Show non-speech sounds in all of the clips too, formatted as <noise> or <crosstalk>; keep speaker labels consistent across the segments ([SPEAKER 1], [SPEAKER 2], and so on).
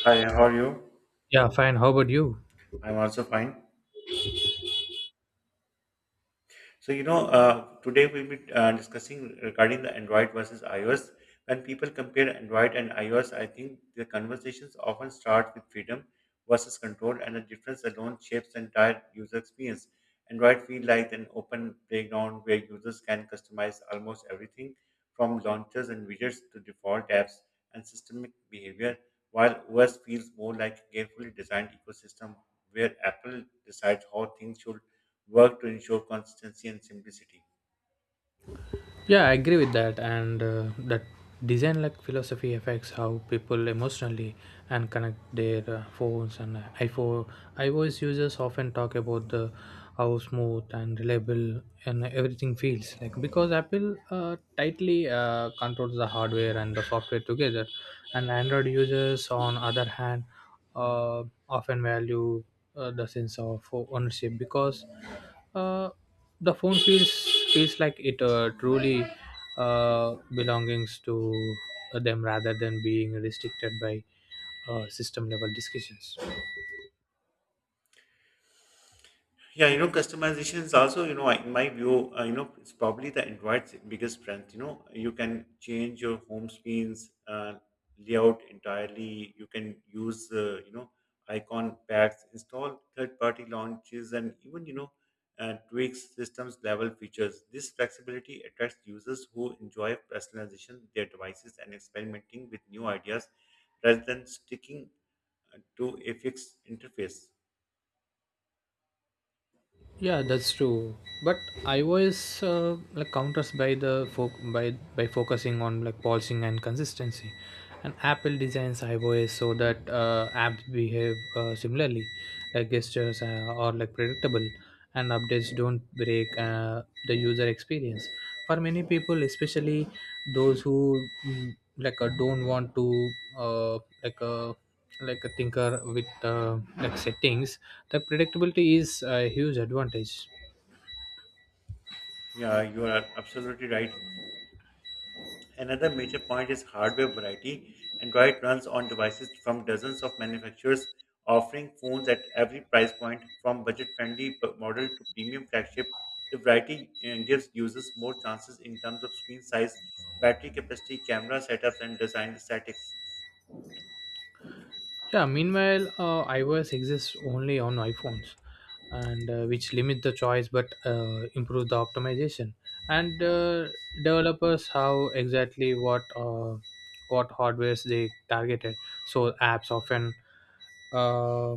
[SPEAKER 1] Hi, how are you?
[SPEAKER 2] Yeah, fine. How about you?
[SPEAKER 1] I'm also fine. Today we'll be discussing regarding the Android versus iOS. When people compare Android and iOS, I think the conversations often start with freedom versus control, and the difference alone shapes the entire user experience. Android feels like an open playground where users can customize almost everything from launchers and widgets to default apps and systemic behavior, while OS feels more like a carefully designed ecosystem where Apple decides how things should work to ensure consistency and simplicity.
[SPEAKER 2] Yeah, I agree with that. And that design like philosophy affects how people emotionally and connect their phones and iPhone. iOS users often talk about the how smooth and reliable and everything feels like because Apple tightly controls the hardware and the software together, and Android users on other hand uh, often value the sense of ownership because uh, the phone feels like it truly belongs to them rather than being restricted by system level discussions.
[SPEAKER 1] Yeah, customization is also, in my view, it's probably the Android's biggest strength. You can change your home screens layout entirely. You can use, icon packs, install third-party launches, and even, tweak systems level features. This flexibility attracts users who enjoy personalization their devices and experimenting with new ideas rather than sticking to a fixed interface.
[SPEAKER 2] Yeah, that's true. But iOS like counters by the fo- by focusing on like polishing and consistency, and Apple designs iOS so that apps behave similarly, like gestures or like predictable, and updates don't break the user experience. For many people, especially those who mm, like I don't want to uh, like a like a thinker with like settings. The predictability is a huge advantage.
[SPEAKER 1] Yeah, you are absolutely right. Another major point is hardware variety. Android runs on devices from dozens of manufacturers, offering phones at every price point, from budget-friendly model to premium flagship. The variety gives users more chances in terms of screen size, battery capacity, camera setups, and design aesthetics.
[SPEAKER 2] Yeah. Meanwhile, iOS exists only on iPhones, and which limit the choice but improve the optimization. And developers have exactly what hardwares they targeted. So apps often uh,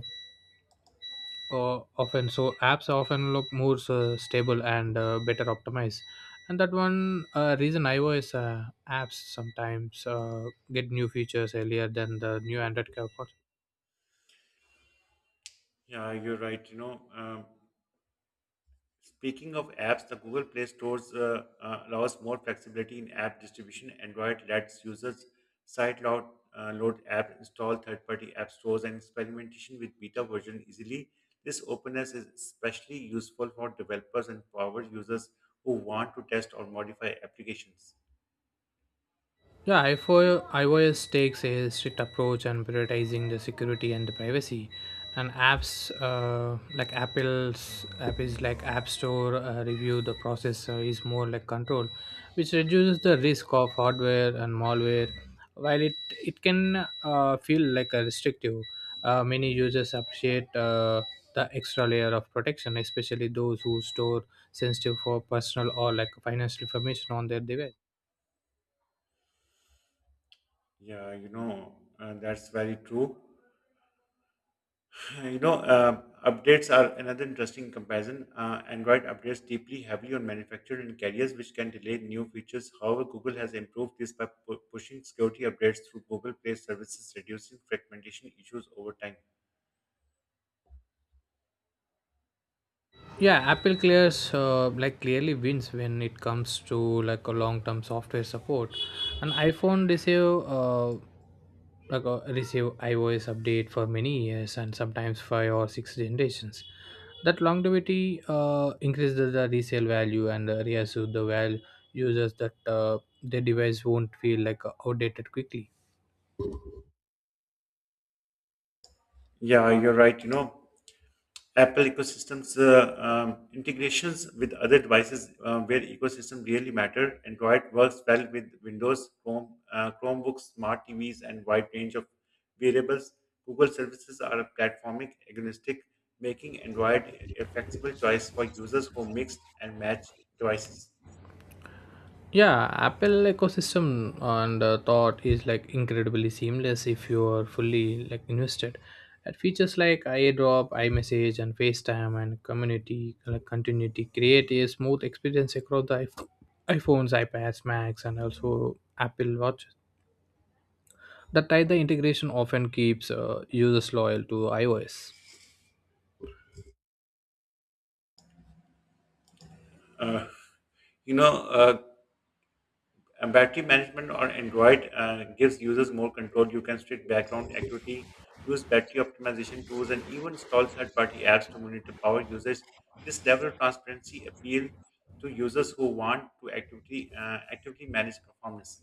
[SPEAKER 2] apps often look more stable and better optimized and that one reason iOS apps sometimes get new features earlier than the new android
[SPEAKER 1] Yeah, you're right. Speaking of apps, the Google Play Stores allows more flexibility in app distribution. Android lets users site load, load app, install third-party app stores, and experimentation with beta version easily. This openness is especially useful for developers and power users who want to test or modify applications.
[SPEAKER 2] Yeah, iPhone, iOS takes a strict approach on prioritizing the security and the privacy, and apps like Apple's app is like App Store review. The process is more like control, which reduces the risk of hardware and malware. While it can feel like a restrictive, many users appreciate the extra layer of protection, especially those who store sensitive for personal or like financial information on their device.
[SPEAKER 1] Yeah, that's very true. Updates are another interesting comparison. Android updates deeply heavily on manufacturers and carriers, which can delay new features. However, Google has improved this by pushing security updates through Google Play services, reducing fragmentation issues over time.
[SPEAKER 2] Yeah, Apple clears like clearly wins when it comes to like a long term software support, and iPhone uh, receive iOS update for many years and sometimes five or six generations. That longevity increases the resale value and reassures the val users that their device won't feel like outdated quickly.
[SPEAKER 1] Yeah, you're right. You know, Apple ecosystems integrations with other devices where ecosystem really matter. Android works well with Windows, Chrome, Chromebooks, smart TVs, and wide range of variables. Google services are platformic agnostic, making Android a flexible choice for users who mix and match devices.
[SPEAKER 2] Yeah, Apple ecosystem and thought is like incredibly seamless if you are fully like invested. At features like iDrop, iMessage, and FaceTime and community like continuity create a smooth experience across the iPhones, iPads, Macs, and also Apple Watches. That tie the integration often keeps users loyal to iOS.
[SPEAKER 1] Uh, you know, uh, Battery management on Android gives users more control. You can restrict background activity, use battery optimization tools, and even install third party apps to monitor power usage. This level of transparency appeals to users who want to activity, actively manage performance.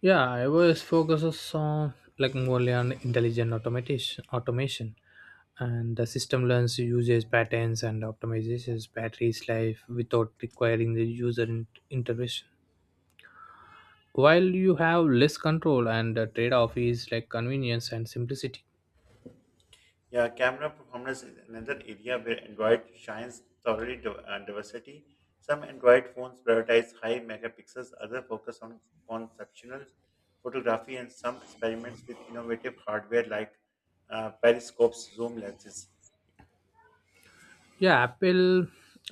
[SPEAKER 2] Yeah, iOS focuses on like only on intelligent automation, and the system learns usage patterns and optimizes battery's life without requiring the user intervention. While you have less control, and the trade-off is like convenience and simplicity.
[SPEAKER 1] Yeah, camera performance is another area where Android shines thoroughly diversity. Some Android phones prioritize high megapixels, others focus on conceptual photography, and some experiments with innovative hardware like periscopes, zoom lenses.
[SPEAKER 2] Yeah, Apple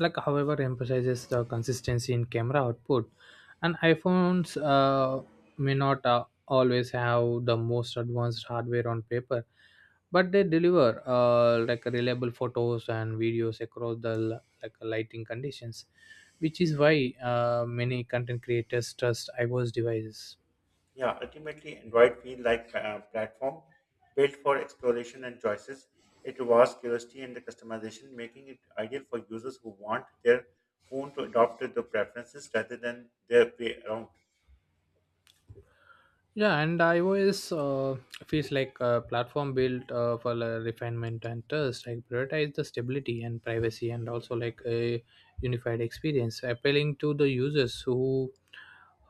[SPEAKER 2] like however emphasizes the consistency in camera output, and iPhones may not always have the most advanced hardware on paper, but they deliver like reliable photos and videos across the like lighting conditions, which is why many content creators trust iOS devices.
[SPEAKER 1] Yeah, ultimately, Android feels like a platform built for exploration and choices. It rewards curiosity and the customization, making it ideal for users who want their phone to adopt to their preferences rather than their way around.
[SPEAKER 2] Yeah, and iOS feels like a platform built for refinement and test. Like prioritize the stability and privacy, and also like a unified experience, appealing to the users who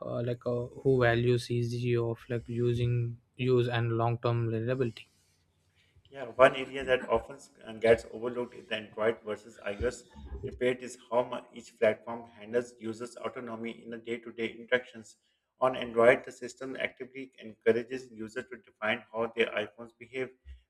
[SPEAKER 2] uh, like uh, who values easy of like using use and long term reliability.
[SPEAKER 1] Yeah, one area that often gets overlooked in the Android versus iOS debate is how much each platform handles users' autonomy in the day-to-day interactions. On Android, the system actively encourages users to define how their iPhones behave,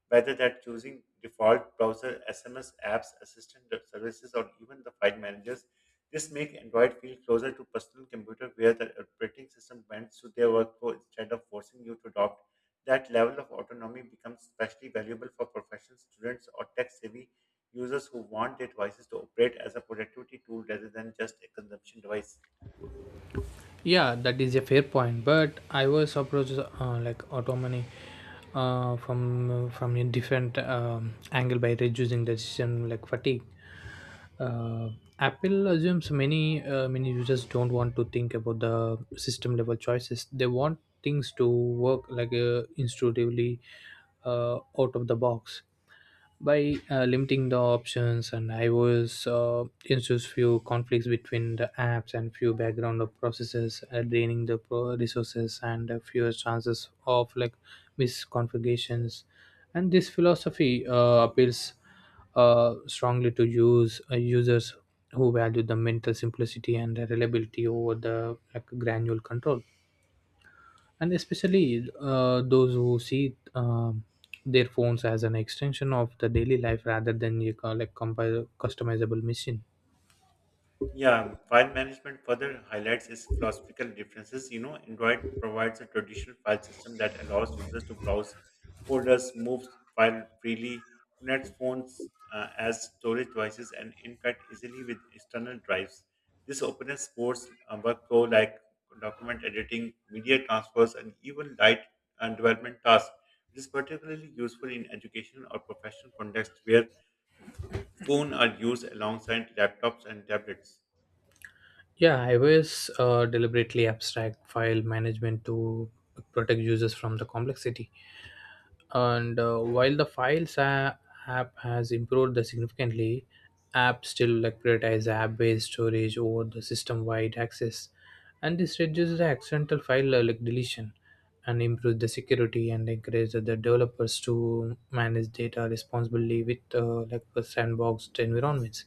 [SPEAKER 1] whether that choosing default browser, SMS apps, assistant services, or even the file managers. This makes Android feel closer to personal computer, where the operating system bends to their workflow instead of forcing you to adopt that level of autonomy becomes especially valuable for professional students or tech savvy users who want their devices to operate as a productivity tool rather than just a consumption device.
[SPEAKER 2] Yeah, that is a fair point. But iOS approaches like autonomy from a different angle by reducing decision like fatigue. uh, Apple assumes many users don't want to think about the system level choices. They want things to work like intuitively out of the box by limiting the options, and iOS ensues few conflicts between the apps and few background of processes draining the resources and fewer chances of like misconfigurations. And this philosophy appeals strongly to users who value the mental simplicity and reliability over the like, granular control, and especially those who see their phones as an extension of the daily life rather than you call, like customizable machine.
[SPEAKER 1] Yeah, file management further highlights its philosophical differences. You know, Android provides a traditional file system that allows users to browse folders, move file freely, connect phones as storage devices, and interact easily with external drives. This openness supports workflow like document editing, media transfers, and even light and development tasks. It is particularly useful in education or professional contexts where phones are used alongside laptops and tablets.
[SPEAKER 2] Yeah, iOS deliberately abstract file management to protect users from the complexity. And while the files app has improved the significantly, apps still like prioritize app-based storage over the system-wide access, and this reduces the accidental file like deletion and improves the security and encourages the developers to manage data responsibly with like sandboxed environments.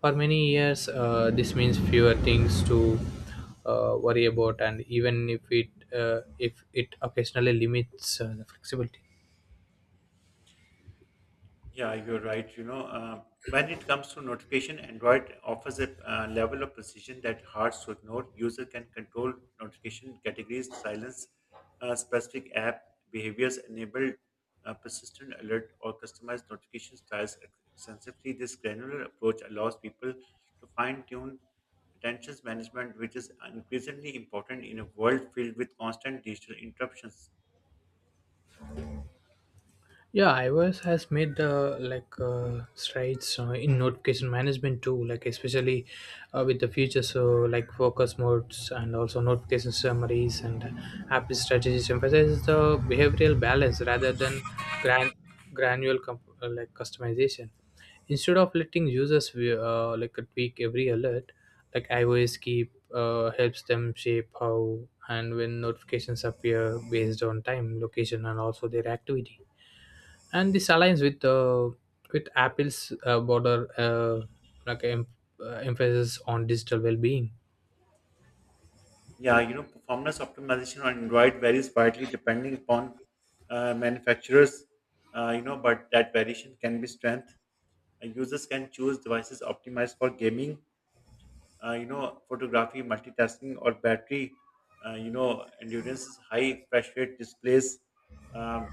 [SPEAKER 2] For many years this means fewer things to worry about, and even if it occasionally limits the flexibility.
[SPEAKER 1] Yeah, you're right. When it comes to notification, Android offers a level of precision that hard to ignore. User can control notification categories, silence specific app behaviors, enable persistent alert or customize notification styles extensively. This granular approach allows people to fine-tune attention management, which is increasingly important in a world filled with constant digital interruptions.
[SPEAKER 2] Yeah, iOS has made the like strides in notification management too, like especially with the features so like focus modes, and also notification summaries and app strategies emphasizes the behavioral balance rather than gran- granular customization. Instead of letting users like tweak every alert, like iOS keep helps them shape how and when notifications appear based on time, location, and also their activity. And this aligns with with apple's border like emphasis on digital well-being.
[SPEAKER 1] Yeah, you know, performance optimization on Android varies widely depending upon manufacturers, but that variation can be strength. Users can choose devices optimized for gaming, photography, multitasking, or battery, endurance high, refresh rate displays, um,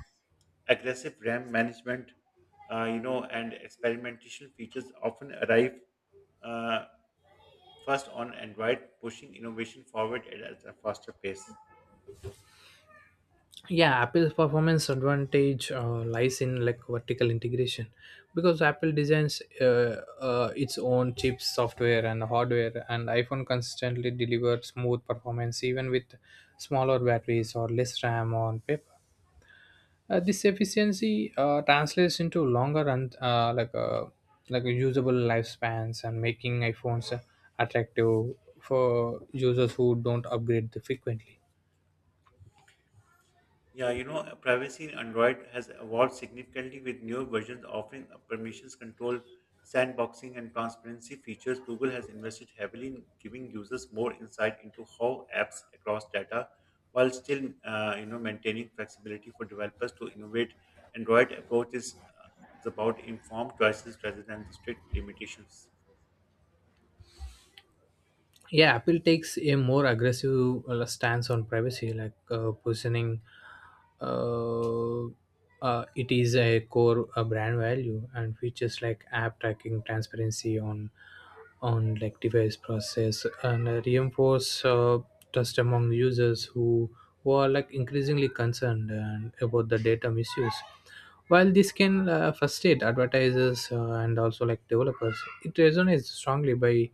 [SPEAKER 1] aggressive RAM management, and experimentation features often arrive uh, first on Android, pushing innovation forward at a faster pace.
[SPEAKER 2] Yeah, Apple's performance advantage lies in like vertical integration, because Apple designs its own chips, software and hardware, and iPhone consistently delivers smooth performance even with smaller batteries or less RAM on paper. This efficiency translates into longer and usable lifespans, and making iPhones attractive for users who don't upgrade frequently.
[SPEAKER 1] Yeah, you know, privacy in Android has evolved significantly with newer versions offering a permissions control, sandboxing, and transparency features. Google has invested heavily in giving users more insight into how apps across data, while still, maintaining flexibility for developers to innovate. Android approach is about informed choices rather than the strict limitations.
[SPEAKER 2] Yeah, Apple takes a more aggressive stance on privacy, like positioning uh, it is a core brand value, and features like app tracking transparency on like device process and reinforce trust among users who are like increasingly concerned and about the data misuse. While this can frustrate advertisers and also like developers, it resonates strongly by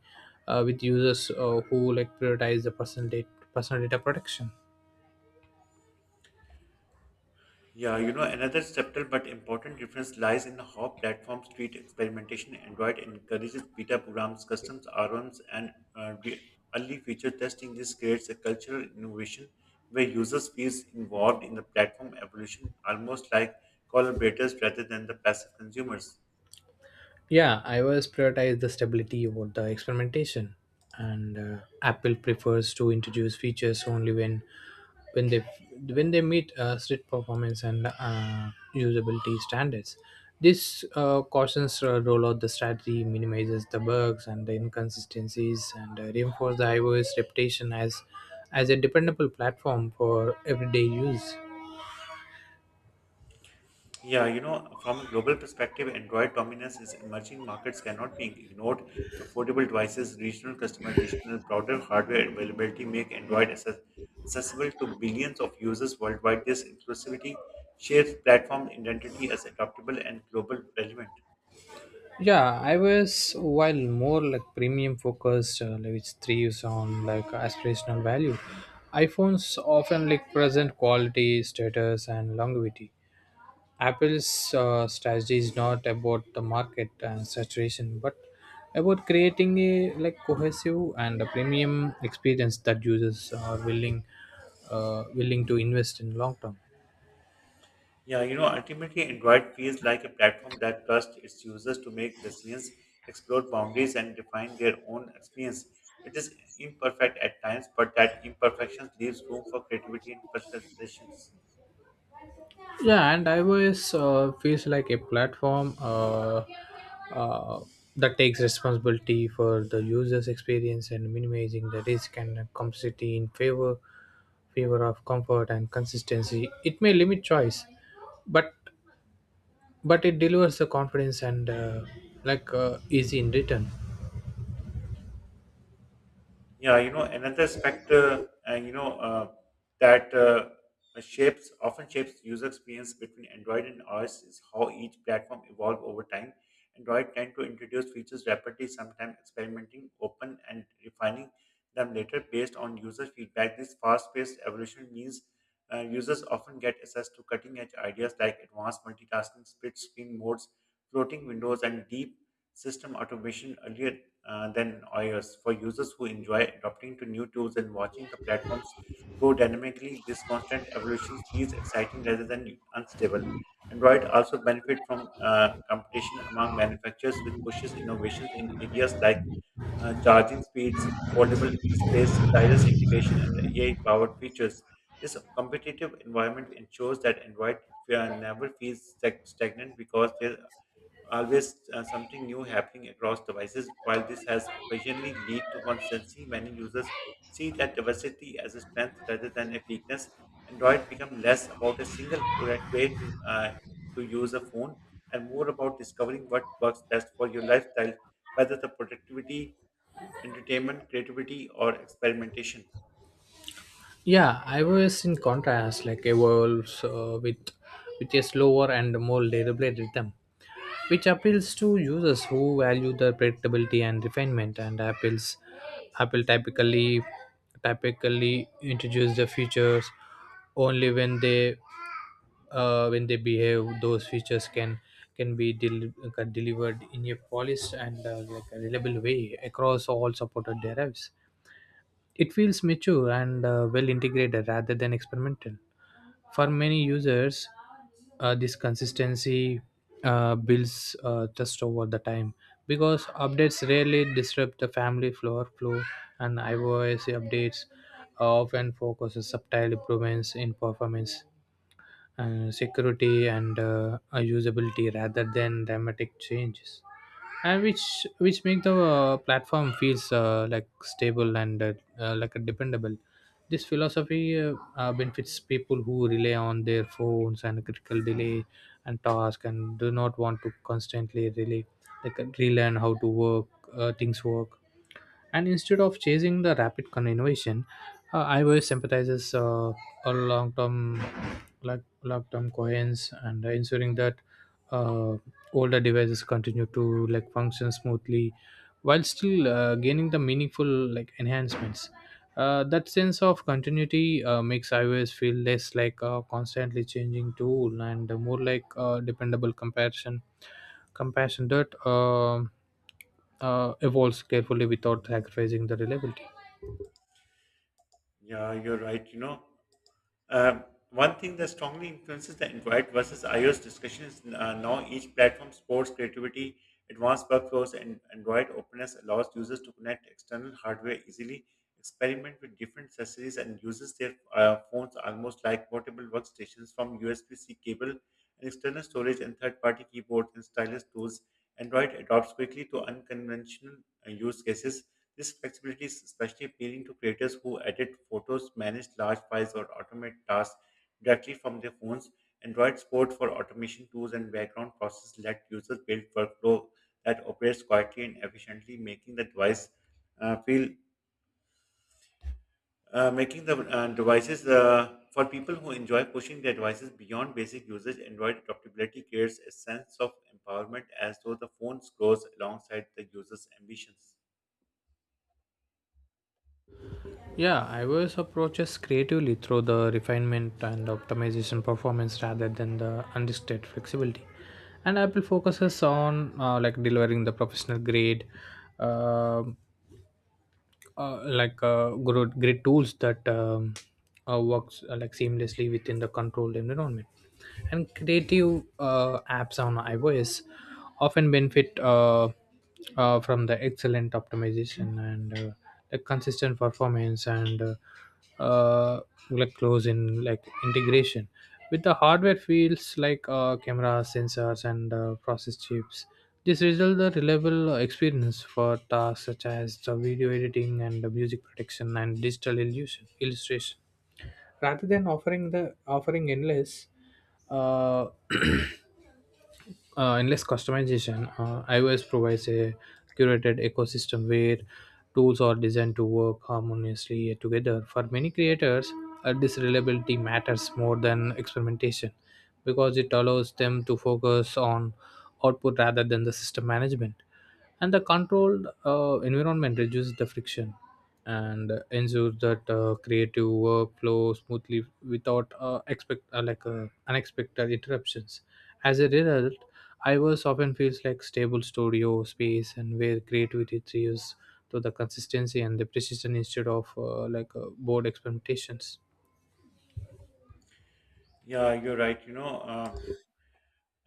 [SPEAKER 2] with users who like prioritize the personal data protection.
[SPEAKER 1] Yeah, you know, another subtle but important difference lies in how platforms treat experimentation. Android encourages beta programs, customs ROMs, and early feature testing. This creates a cultural innovation where users feel involved in the platform evolution, almost like collaborators rather than the passive consumers.
[SPEAKER 2] Yeah, iOS prioritizes the stability over the experimentation, and Apple prefers to introduce features only when they when they meet strict performance and usability standards. This cautions rollout the strategy minimizes the bugs and the inconsistencies, and reinforces the iOS reputation as a dependable platform for everyday use.
[SPEAKER 1] Yeah, you know, from a global perspective, Android dominance is emerging markets cannot be ignored. Affordable devices, regional customization, and broader hardware availability make Android accessible to billions of users worldwide. This inclusivity shapes platform identity as adaptable and global relevant.
[SPEAKER 2] Yeah, I was while more like premium focused, like which thrives on like aspirational value. iPhones often like present quality, status, and longevity. Apple's strategy is not about the market and saturation, but about creating a like cohesive and a premium experience that users are willing to invest in long term.
[SPEAKER 1] Yeah, you know, ultimately, Android feels like a platform that trusts its users to make decisions, explore boundaries, and define their own experience. It is imperfect at times, but that imperfection leaves room for creativity and personalizations.
[SPEAKER 2] Yeah, and iOS feels like a platform uh, that takes responsibility for the user's experience and minimizing the risk and complexity in favor of comfort and consistency. It may limit choice, but but it delivers the confidence and like is in return.
[SPEAKER 1] Yeah, another aspect, you know, that shapes often shapes user experience between Android and iOS is how each platform evolve over time. Android tend to introduce features rapidly, sometimes experimenting, open, and refining them later based on user feedback. This fast-paced evolution means users often get access to cutting-edge ideas like advanced multitasking, split-screen modes, floating windows, and deep system automation earlier than iOS for users who enjoy adopting to new tools and watching the platforms grow dynamically. This constant evolution feels exciting rather than unstable. Android also benefit from competition among manufacturers, which pushes innovations in areas like charging speeds, foldable displays, stylus integration, and AI-powered features. This competitive environment ensures that Android never feels stagnant because there always something new happening across devices. While this has occasionally lead to consistency, many users see that diversity as a strength rather than a weakness. Android become less about a single correct way to use a phone and more about discovering what works best for your lifestyle, whether the productivity, entertainment, creativity, or experimentation.
[SPEAKER 2] Yeah, iOS in contrast like evolves with a slower and more deliberate rhythm, which appeals to users who value the predictability and refinement. And Apple typically introduce the features only when they behave. Those features can be delivered in a polished and like a reliable way across all supported derivatives. It feels mature and well integrated rather than experimental. For many users, this consistency builds trust over the time, because updates rarely disrupt the family floor flow, and iOS updates often focus on subtle improvements in performance security and usability rather than dramatic changes, and which make the platform feels like stable and like a dependable. This philosophy benefits people who rely on their phones and critical delay and task, and do not want to constantly really like relearn how to work things work. And instead of chasing the rapid con innovation, iOS sympathizes a like long-term coherence and ensuring that uh, older devices continue to like function smoothly while still gaining the meaningful like enhancements. That sense of continuity makes iOS feel less like a constantly changing tool and more like a dependable comparison compassion that evolves carefully without sacrificing the reliability.
[SPEAKER 1] Yeah, you're right. Uh, One thing that strongly influences the Android versus iOS discussion is now each platform supports creativity, advanced workflows, and Android openness allows users to connect external hardware easily, experiment with different accessories, and uses their phones almost like portable workstations from USB-C cable and external storage and third-party keyboards and stylus tools. Android adopts quickly to unconventional use cases this flexibility is especially appealing to creators who edit photos, manage large files, or automate tasks directly from their phones. Android support for automation tools and background processes let users build workflow that operates quietly and efficiently, making the device feel making the devices for people who enjoy pushing their devices beyond basic usage. Android adaptability creates a sense of empowerment as though the phone grows alongside the user's ambitions.
[SPEAKER 2] Yeah, iOS approaches creatively through the refinement and optimization performance rather than the unrestricted flexibility. And Apple focuses on like delivering the professional grade, um great tools that works like seamlessly within the controlled environment, and creative apps on iOS often benefit from the excellent optimization and the consistent performance and uh, like close in like integration with the hardware fields like cameras sensors and process chips. This results a reliable experience for tasks such as the video editing and the music production and digital illustration, rather than offering endless uh, <clears throat> endless customization. iOS provides a curated ecosystem where tools are designed to work harmoniously together. For many creators, this reliability matters more than experimentation because it allows them to focus on output rather than the system management, and the controlled environment reduces the friction and ensures that creative work flows smoothly without expect like unexpected interruptions. As a result, iverse often feels like stable studio space and where creativity thrives to the consistency and the precision instead of board experimentations.
[SPEAKER 1] Yeah, you're right.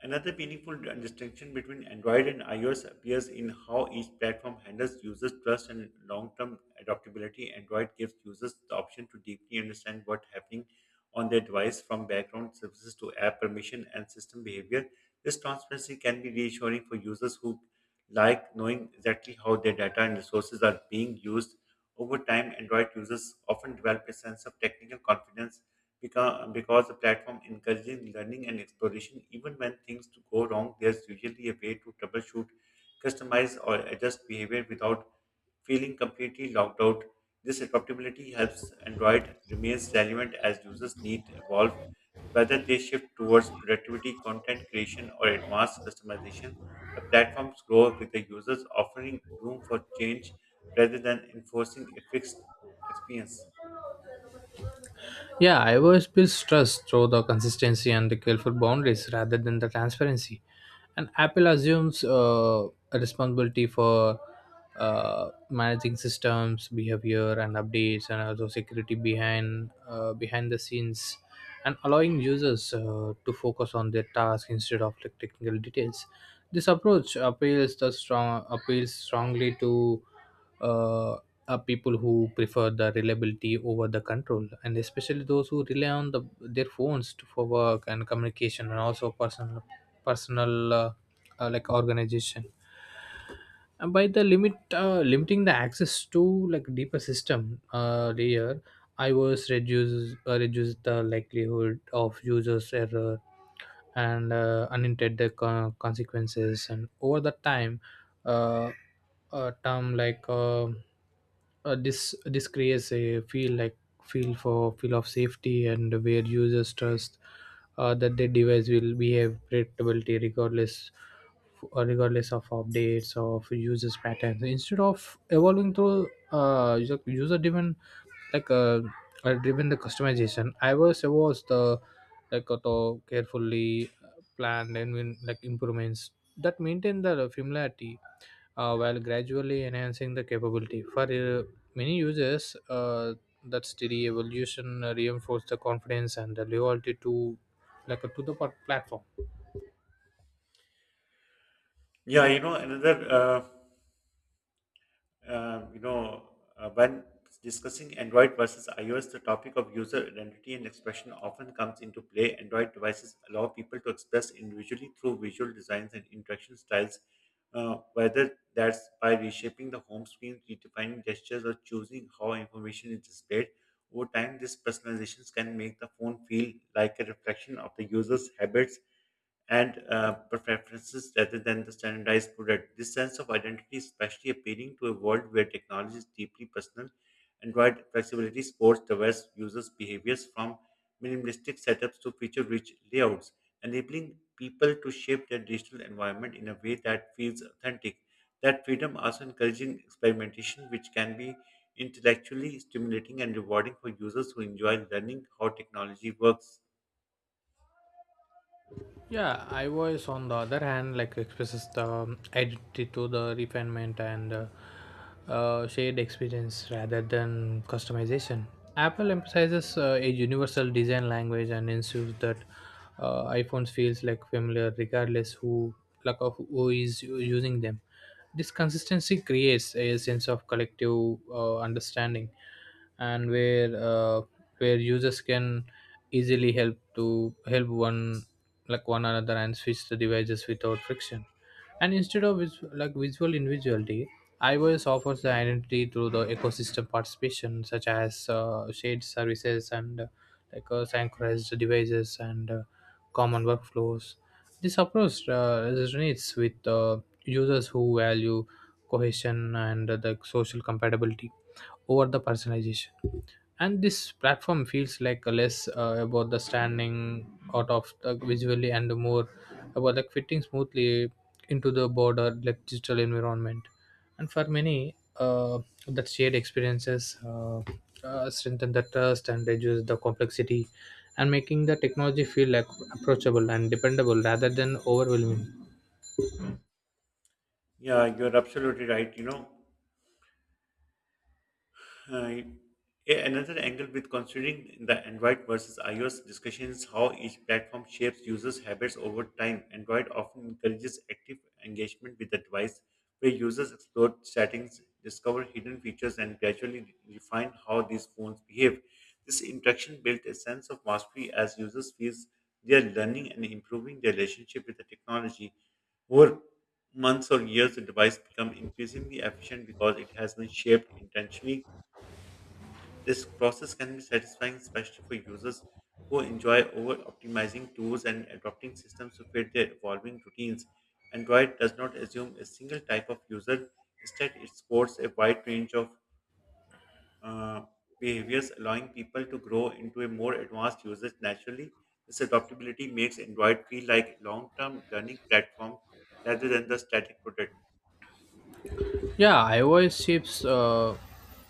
[SPEAKER 1] Another meaningful distinction between Android and iOS appears in how each platform handles users' trust and long-term adaptability. Android gives users the option to deeply understand what's happening on their device, from background services to app permission and system behavior. This transparency can be reassuring for users who like knowing exactly how their data and resources are being used. Over time, Android users often develop a sense of technical confidence because the platform encourages learning and exploration. Even when things to go wrong, there's usually a way to troubleshoot, customize, or adjust behavior without feeling completely locked out. This adaptability helps Android remains relevant as users need to evolve, whether they shift towards productivity, content creation, or advanced customization. The platforms grow with the users, offering room for change rather than enforcing a fixed experience.
[SPEAKER 2] Yeah, I always build trust through the consistency and the careful boundaries rather than the transparency. And Apple assumes a responsibility for managing systems, behavior, and updates, and also security behind the scenes, and allowing users to focus on their task instead of like, technical details. This approach appeals strongly to uh, are people who prefer the reliability over the control, and especially those who rely on the, their phones to, for work and communication and also personal personal uh, like organization. And by the limit limiting the access to like deeper system layer, I was reduce the likelihood of users error and unintended consequences. And over the time, uh, a term like this this creates a feel like feel for feel of safety, and where users trust that their device will behave predictability regardless of updates of users patterns instead of evolving through user driven like driven the customization. iOS was the the carefully planned and like improvements that maintain the familiarity while gradually enhancing the capability for many users. That steady evolution reinforce the confidence and the loyalty to to the platform.
[SPEAKER 1] Yeah, you know, another you know, when discussing Android versus iOS, the topic of user identity and expression often comes into play. Android devices allow people to express individually through visual designs and interaction styles, whether that's by reshaping the home screen, redefining gestures, or choosing how information is displayed. Over time, these personalizations can make the phone feel like a reflection of the user's habits and preferences rather than the standardized product. This sense of identity is especially appealing to a world where technology is deeply personal. Android flexibility supports diverse users' behaviors from minimalistic setups to feature rich layouts, enabling people to shape their digital environment in a way that feels authentic. That freedom also encouraging experimentation, which can be intellectually stimulating and rewarding for users who enjoy learning how technology works.
[SPEAKER 2] Yeah, I voice on the other hand like expresses the identity to the refinement and shared experience rather than customization. Apple emphasizes a universal design language and ensures that iPhones feels like familiar regardless who like of who is using them. This consistency creates a sense of collective understanding, and where users can easily help one another and switch the devices without friction. And instead of like visual individuality, iOS offers the identity through the ecosystem participation, such as shared services and synchronized devices and common workflows. This approach resonates with users who value cohesion and the social compatibility over the personalization. And this platform feels like a less about the standing out of the visually and more about like fitting smoothly into the broader like digital environment. And for many, that shared experiences strengthen the trust and reduce the complexity and making the technology feel like approachable and dependable rather than overwhelming.
[SPEAKER 1] Yeah, you're absolutely right. Uh, Another angle with considering the Android versus iOS discussion is how each platform shapes users' habits over time. Android often encourages active engagement with the device, where users explore settings, discover hidden features, and gradually refine how these phones behave. This interaction built a sense of mastery as users feel they are learning and improving their relationship with the technology. Over months or years, the device becomes increasingly efficient because it has been shaped intentionally this process can be satisfying, especially for users who enjoy over optimizing tools and adopting systems to fit their evolving routines. Android does not assume a single type of user, instead, it supports a wide range of uh, behaviors, allowing people to grow into a more advanced users naturally. This adaptability makes Android feel like a long term learning platform rather than the static product.
[SPEAKER 2] Yeah, iOS shapes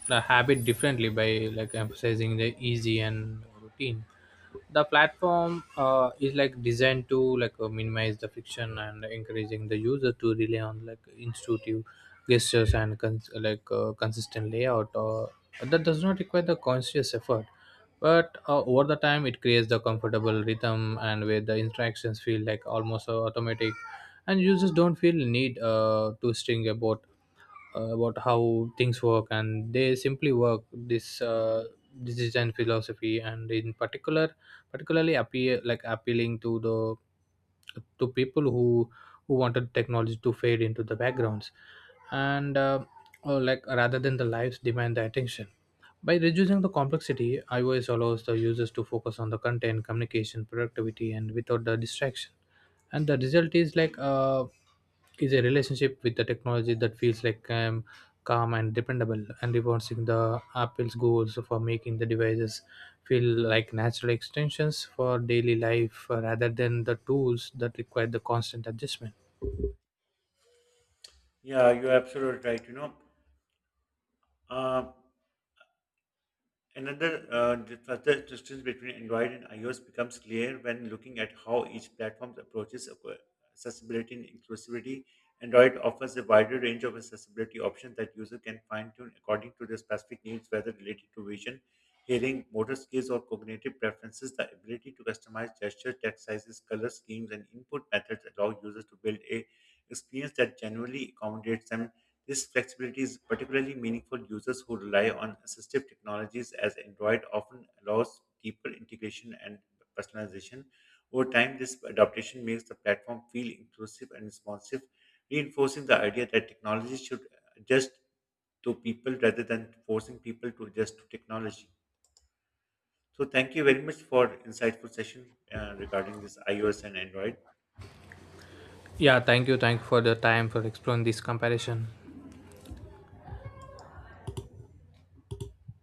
[SPEAKER 2] the habit differently by like emphasizing the easy and routine. The platform is like designed to minimize the friction and encouraging the user to rely on like intuitive gestures and consistent layout. Or that does not require the conscious effort, but over the time it creates the comfortable rhythm and where the interactions feel like almost automatic, and users don't feel need to string about how things work and they simply work. This this design philosophy and in particular particularly appear like appealing to the to people who wanted technology to fade into the backgrounds and or like rather than the lives demand the attention. By reducing the complexity, ios allows the users to focus on the content communication productivity and without the distraction. And the result is is a relationship with the technology that feels like calm and dependable and reinforcing the apple's goals for making the devices feel like natural extensions for daily life rather than the tools that require the constant adjustment.
[SPEAKER 1] Yeah, you're absolutely right. Uh, further difference between Android and iOS becomes clear when looking at how each platform approaches accessibility and inclusivity. Android offers a wider range of accessibility options that users can fine-tune according to their specific needs, whether related to vision, hearing, motor skills, or cognitive preferences. The ability to customize gesture, text sizes, color schemes, and input methods allow users to build a experience that genuinely accommodates them this flexibility is particularly meaningful to users who rely on assistive technologies as Android often allows deeper integration and personalization. Over time, this adaptation makes the platform feel inclusive and responsive, reinforcing the idea that technology should adjust to people rather than forcing people to adjust to technology. So thank you very much for insightful session regarding this iOS and Android.
[SPEAKER 2] Yeah, thank you for the time for exploring this comparison.
[SPEAKER 1] Thank you.